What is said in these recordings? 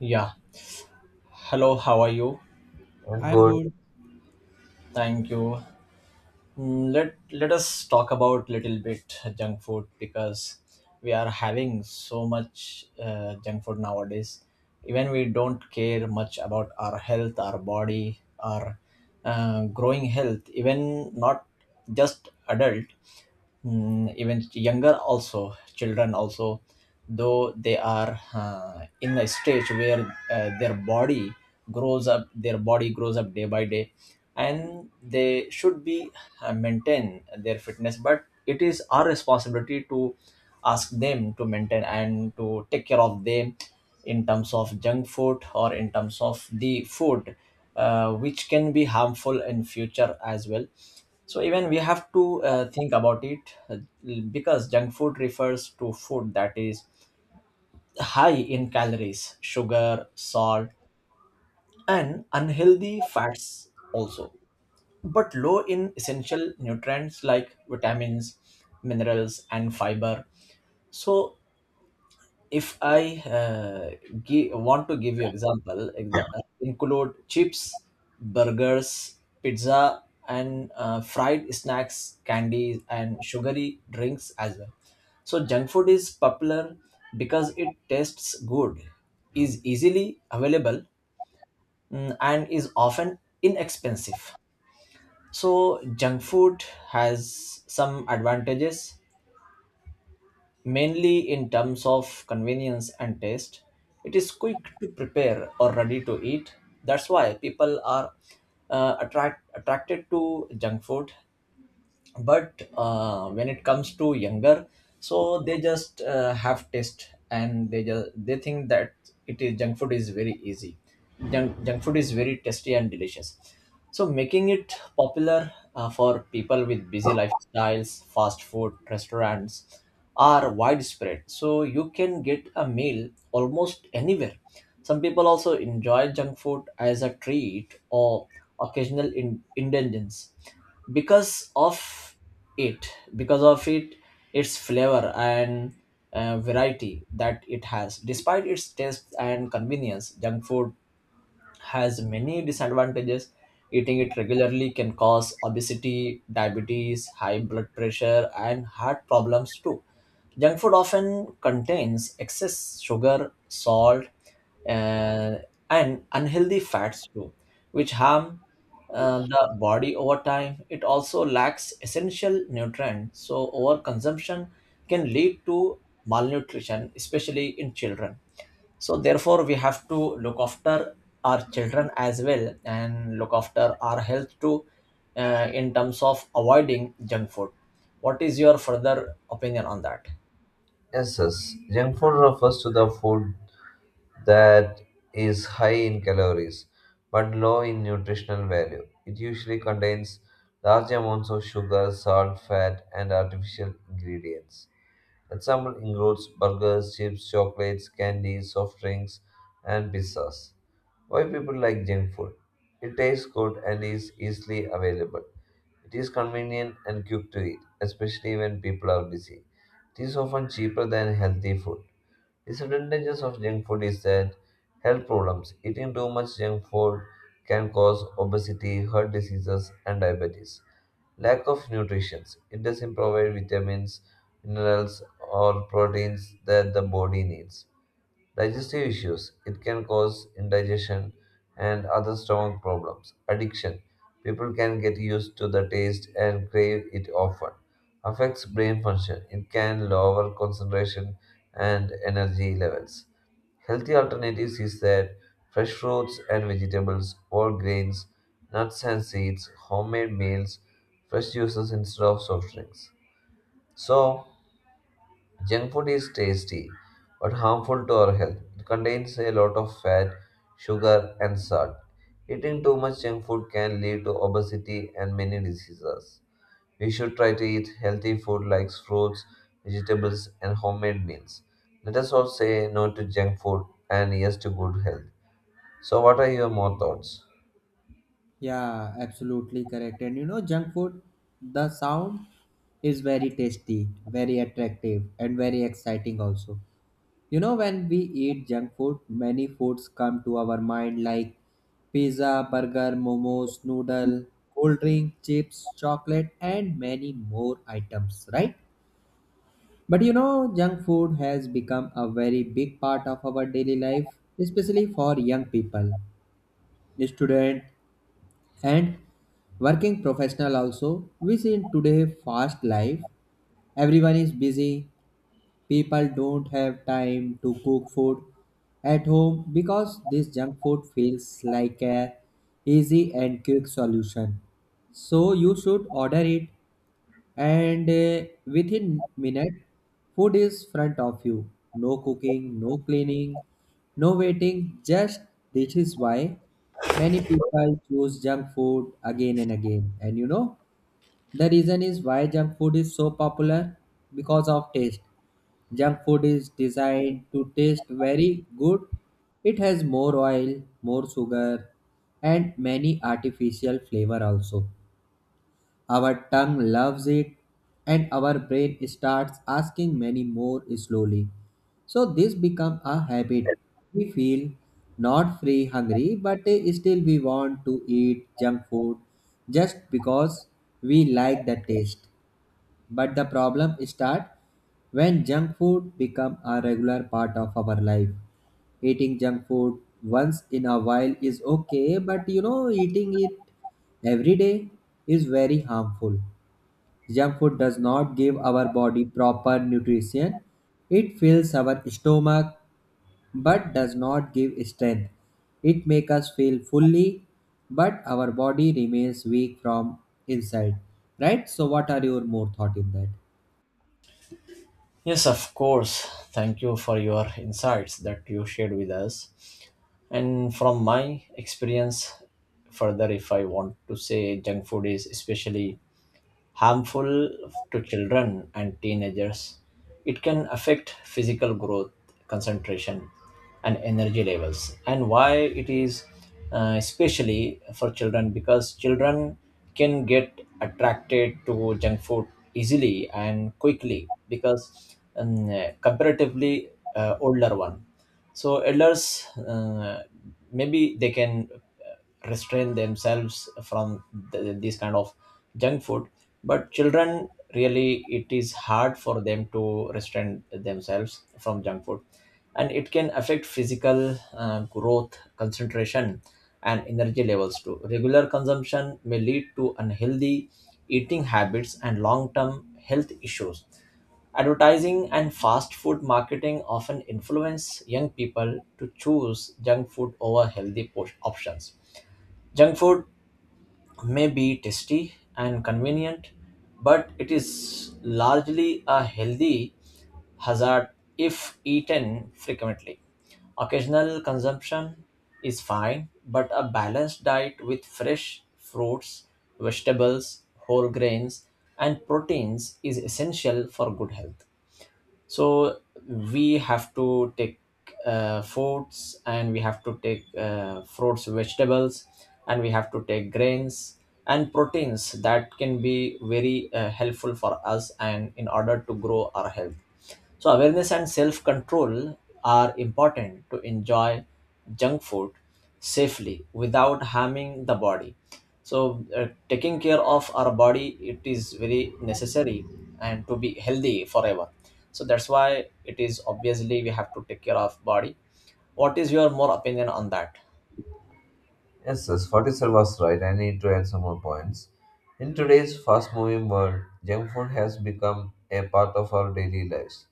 Yeah. Hello, how are you? I'm Good. good. Thank you. Let us talk about little bit junk food because we are having so much junk food nowadays. Even we don't care much about our health, our body, our growing health. Even not just adult. Even younger also children also though they are in a stage where their body grows up day by day and they should be maintain their fitness, but it is our responsibility to ask them to maintain and to take care of them in terms of junk food or in terms of the food which can be harmful in future as well. So even we have to think about it, uh, because junk food refers to food that is high in calories, sugar, salt, and unhealthy fats also, but low in essential nutrients like vitamins, minerals, and fiber. So if I want to give you example, include chips, burgers, pizza, and fried snacks, candies, and sugary drinks as well. So junk food is popular because it tastes good, is easily available, and is often inexpensive. So junk food has some advantages mainly in terms of convenience and taste. It is quick to prepare or ready to eat. That's why people are attracted to junk food. But when it comes to younger, so they just have taste and they think that it is junk food is very easy. Junk food is very tasty and delicious, so making it popular for people with busy lifestyles. Fast food restaurants are widespread, so you can get a meal almost anywhere. Some people also enjoy junk food as a treat or occasional indulgence because of it it, its flavor and variety that it has. Despite its taste and convenience, junk food has many disadvantages. Eating it regularly can cause obesity, diabetes, high blood pressure, and heart problems too. Junk food often contains excess sugar, salt, uh, and unhealthy fats too, which harm the body over time. It also lacks essential nutrients, so overconsumption can lead to malnutrition, especially in children. So therefore we have to look after our children as well and look after our health too, in terms of avoiding junk food. What is your further opinion on that? Yes, yes. Junk food refers to the food that is high in calories but low in nutritional value. It usually contains large amounts of sugar, salt, fat, and artificial ingredients. Example includes burgers, chips, chocolates, candy, soft drinks, and pizzas. Why people like junk food? It tastes good and is easily available. It is convenient and quick to eat, especially when people are busy. It is often cheaper than healthy food. Disadvantages of junk food is that health problems. Eating too much junk food can cause obesity, heart diseases, and diabetes. Lack of nutrition. It doesn't provide vitamins, minerals, or proteins that the body needs. Digestive issues. It can cause indigestion and other stomach problems. Addiction. People can get used to the taste and crave it often. Affects brain function. It can lower concentration and energy levels. Healthy alternatives is that fresh fruits and vegetables, whole grains, nuts and seeds, homemade meals, fresh juices instead of soft drinks. So, junk food is tasty but harmful to our health. It contains a lot of fat, sugar, and salt. Eating too much junk food can lead to obesity and many diseases. We should try to eat healthy food like fruits, vegetables, and homemade meals. Let us all say no to junk food and yes to good health. So, what are your more thoughts? Yeah, absolutely correct. And you know, junk food, the sound is very tasty, very attractive, and very exciting also. You know, when we eat junk food, many foods come to our mind like pizza, burger, momos, noodle, cold drink, chips, chocolate, and many more items, right? But you know, junk food has become a very big part of our daily life, especially for young people, students, and working professional also. We see in today fast life everyone is busy, people don't have time to cook food at home because this junk food feels like a easy and quick solution. So you should order it, and within minute food is front of you. No cooking, no cleaning, no waiting, just this is why many people choose junk food again and again. And you know, the reason is why junk food is so popular because of taste. Junk food is designed to taste very good. It has more oil, more sugar, and many artificial flavor also. Our tongue loves it, and our brain starts asking many more slowly. So this becomes a habit. We feel not free hungry, but still we want to eat junk food just because we like the taste. But the problem starts when junk food become a regular part of our life. Eating junk food once in a while is okay, but you know eating it every day is very harmful. Junk food does not give our body proper nutrition. It fills our stomach but does not give strength. It makes us feel fully, but our body remains weak from inside. Right? So, what are your more thought in that? Yes, of course. Thank you for your insights that you shared with us. And from my experience, further, if I want to say, junk food is especially harmful to children and teenagers. It can affect physical growth, concentration, and energy levels. And why it is especially for children, because children can get attracted to junk food easily and quickly. Because comparatively older one, so elders maybe they can restrain themselves from this kind of junk food. But children, really, it is hard for them to restrain themselves from junk food, and it can affect physical growth, concentration, and energy levels too. Regular consumption may lead to unhealthy eating habits and long term health issues. Advertising and fast food marketing often influence young people to choose junk food over healthy options. Junk food may be tasty and convenient, but it is largely a healthy hazard if eaten frequently. Occasional consumption is fine, but a balanced diet with fresh fruits, vegetables, whole grains, and proteins is essential for good health. So we have to take fruits, vegetables, and we have to take grains and proteins, that can be very helpful for us and in order to grow our health. So awareness and self control are important to enjoy junk food safely without harming the body. So taking care of our body, it is very necessary, and to be healthy forever. So that's why it is obviously we have to take care of body. What is your more opinion on that? Yes, yes, 47 was right. I need to add some more points. In today's fast moving world, junk food has become a part of our daily lives.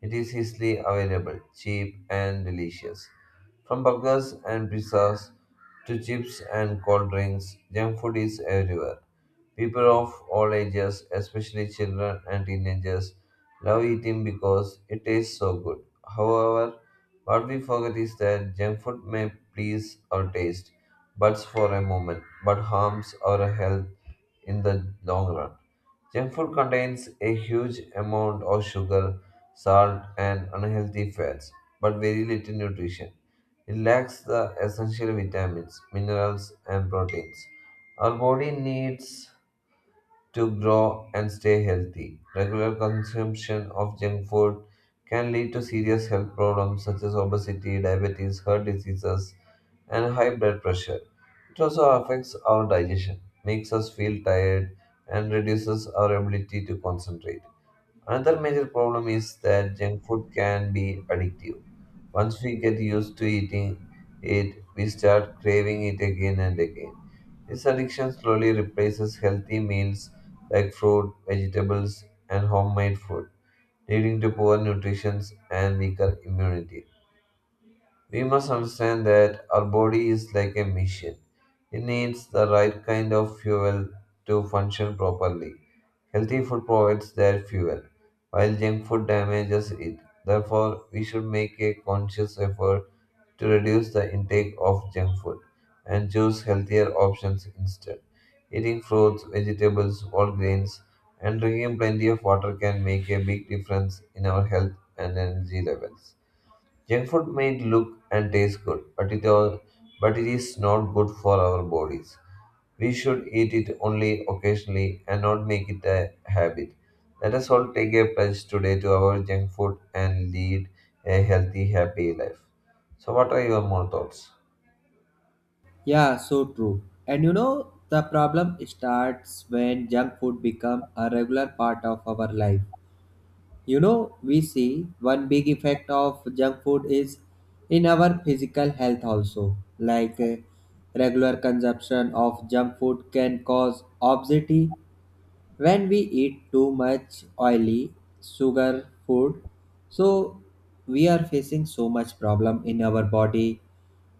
It is easily available, cheap, and delicious. From burgers and pizzas to chips and cold drinks, junk food is everywhere. People of all ages, especially children and teenagers, love eating because it tastes so good. However, what we forget is that junk food may please our taste buds for a moment, but harms our health in the long run. Junk food contains a huge amount of sugar, salt, and unhealthy fats, but very little nutrition. It lacks the essential vitamins, minerals, and proteins. Our body needs to grow and stay healthy. Regular consumption of junk food can lead to serious health problems such as obesity, diabetes, heart diseases, and high blood pressure. It also affects our digestion, makes us feel tired, and reduces our ability to concentrate. Another major problem is that junk food can be addictive. Once we get used to eating it, we start craving it again and again. This addiction slowly replaces healthy meals like fruit, vegetables, and homemade food, leading to poor nutrition and weaker immunity. We must understand that our body is like a machine. It needs the right kind of fuel to function properly. Healthy food provides that fuel, while junk food damages it. Therefore, we should make a conscious effort to reduce the intake of junk food and choose healthier options instead. Eating fruits, vegetables, whole grains, and drinking plenty of water can make a big difference in our health and energy levels. Junk food may look and taste good, but but it is not good for our bodies. We should eat it only occasionally and not make it a habit. Let us all take a pledge today to our junk food and lead a healthy, happy life. So, what are your more thoughts? Yeah, so true. And you know, the problem starts when junk food become a regular part of our life. You know, we see one big effect of junk food is in our physical health also. Like regular consumption of junk food can cause obesity when we eat too much oily sugar food. So we are facing so much problem in our body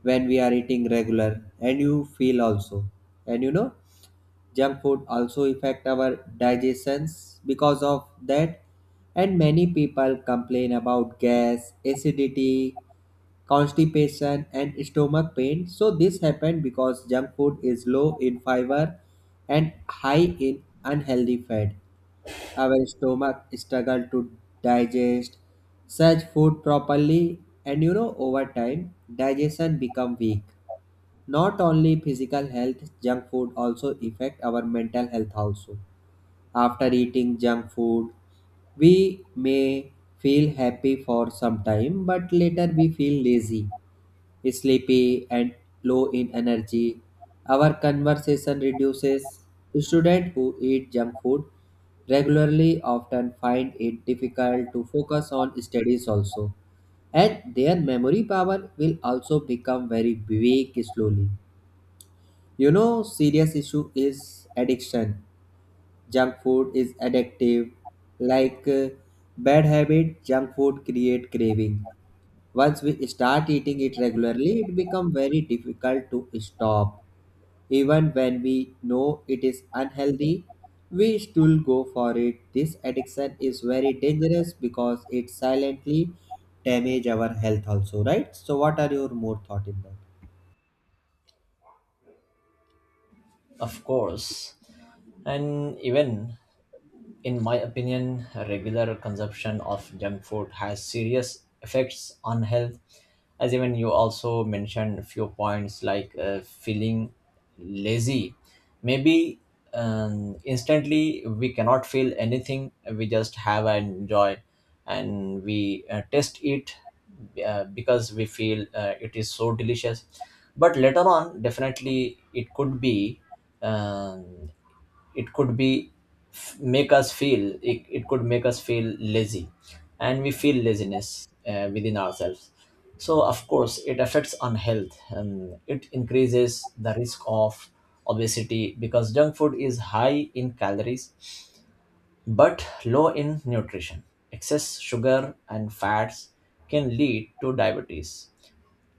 when we are eating regular and you feel also. And you know, junk food also affect our digestions because of that, and many people complain about gas, acidity, constipation, and stomach pain. So this happened because junk food is low in fiber and high in unhealthy fat. Our stomach struggle to digest such food properly, and you know over time digestion become weak. Not only physical health, junk food also affect our mental health also. After eating junk food we may feel happy for some time, but later we feel lazy, sleepy, and low in energy. Our conversation reduces. Students who eat junk food regularly often find it difficult to focus on studies also, and their memory power will also become very weak slowly. You know, serious issue is addiction. Junk food is addictive. Like bad habit, junk food create craving. Once we start eating it regularly, it become very difficult to stop. Even when we know it is unhealthy, we still go for it. This addiction is very dangerous because it silently damage our health also, right? So what are your more thought in that? Of course. And even in my opinion, regular consumption of junk food has serious effects on health. As even you also mentioned a few points like feeling lazy. Maybe instantly we cannot feel anything, we just have and enjoy, and we taste it because we feel it is so delicious. But later on, definitely it could be. Um, it could be Make us feel it could make us feel lazy, and we feel laziness within ourselves. So of course it affects on health and it increases the risk of obesity, because junk food is high in calories but low in nutrition. Excess sugar and fats can lead to diabetes.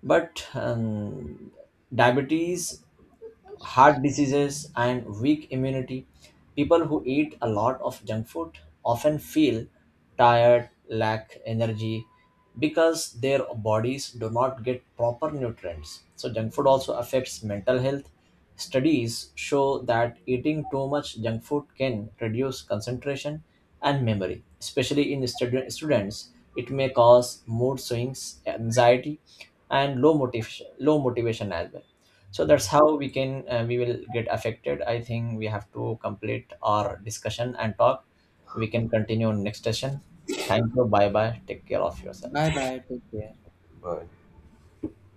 But diabetes heart diseases, and weak immunity. People who eat a lot of junk food often feel tired, lack energy, because their bodies do not get proper nutrients. So, junk food also affects mental health. Studies show that eating too much junk food can reduce concentration and memory, especially in students. It may cause mood swings, anxiety, and low motivation as well. So that's how we can, we will get affected. I think we have to complete our discussion and talk. We can continue next session. Thank you. Bye bye. Take care of yourself. Bye bye, take care. Bye.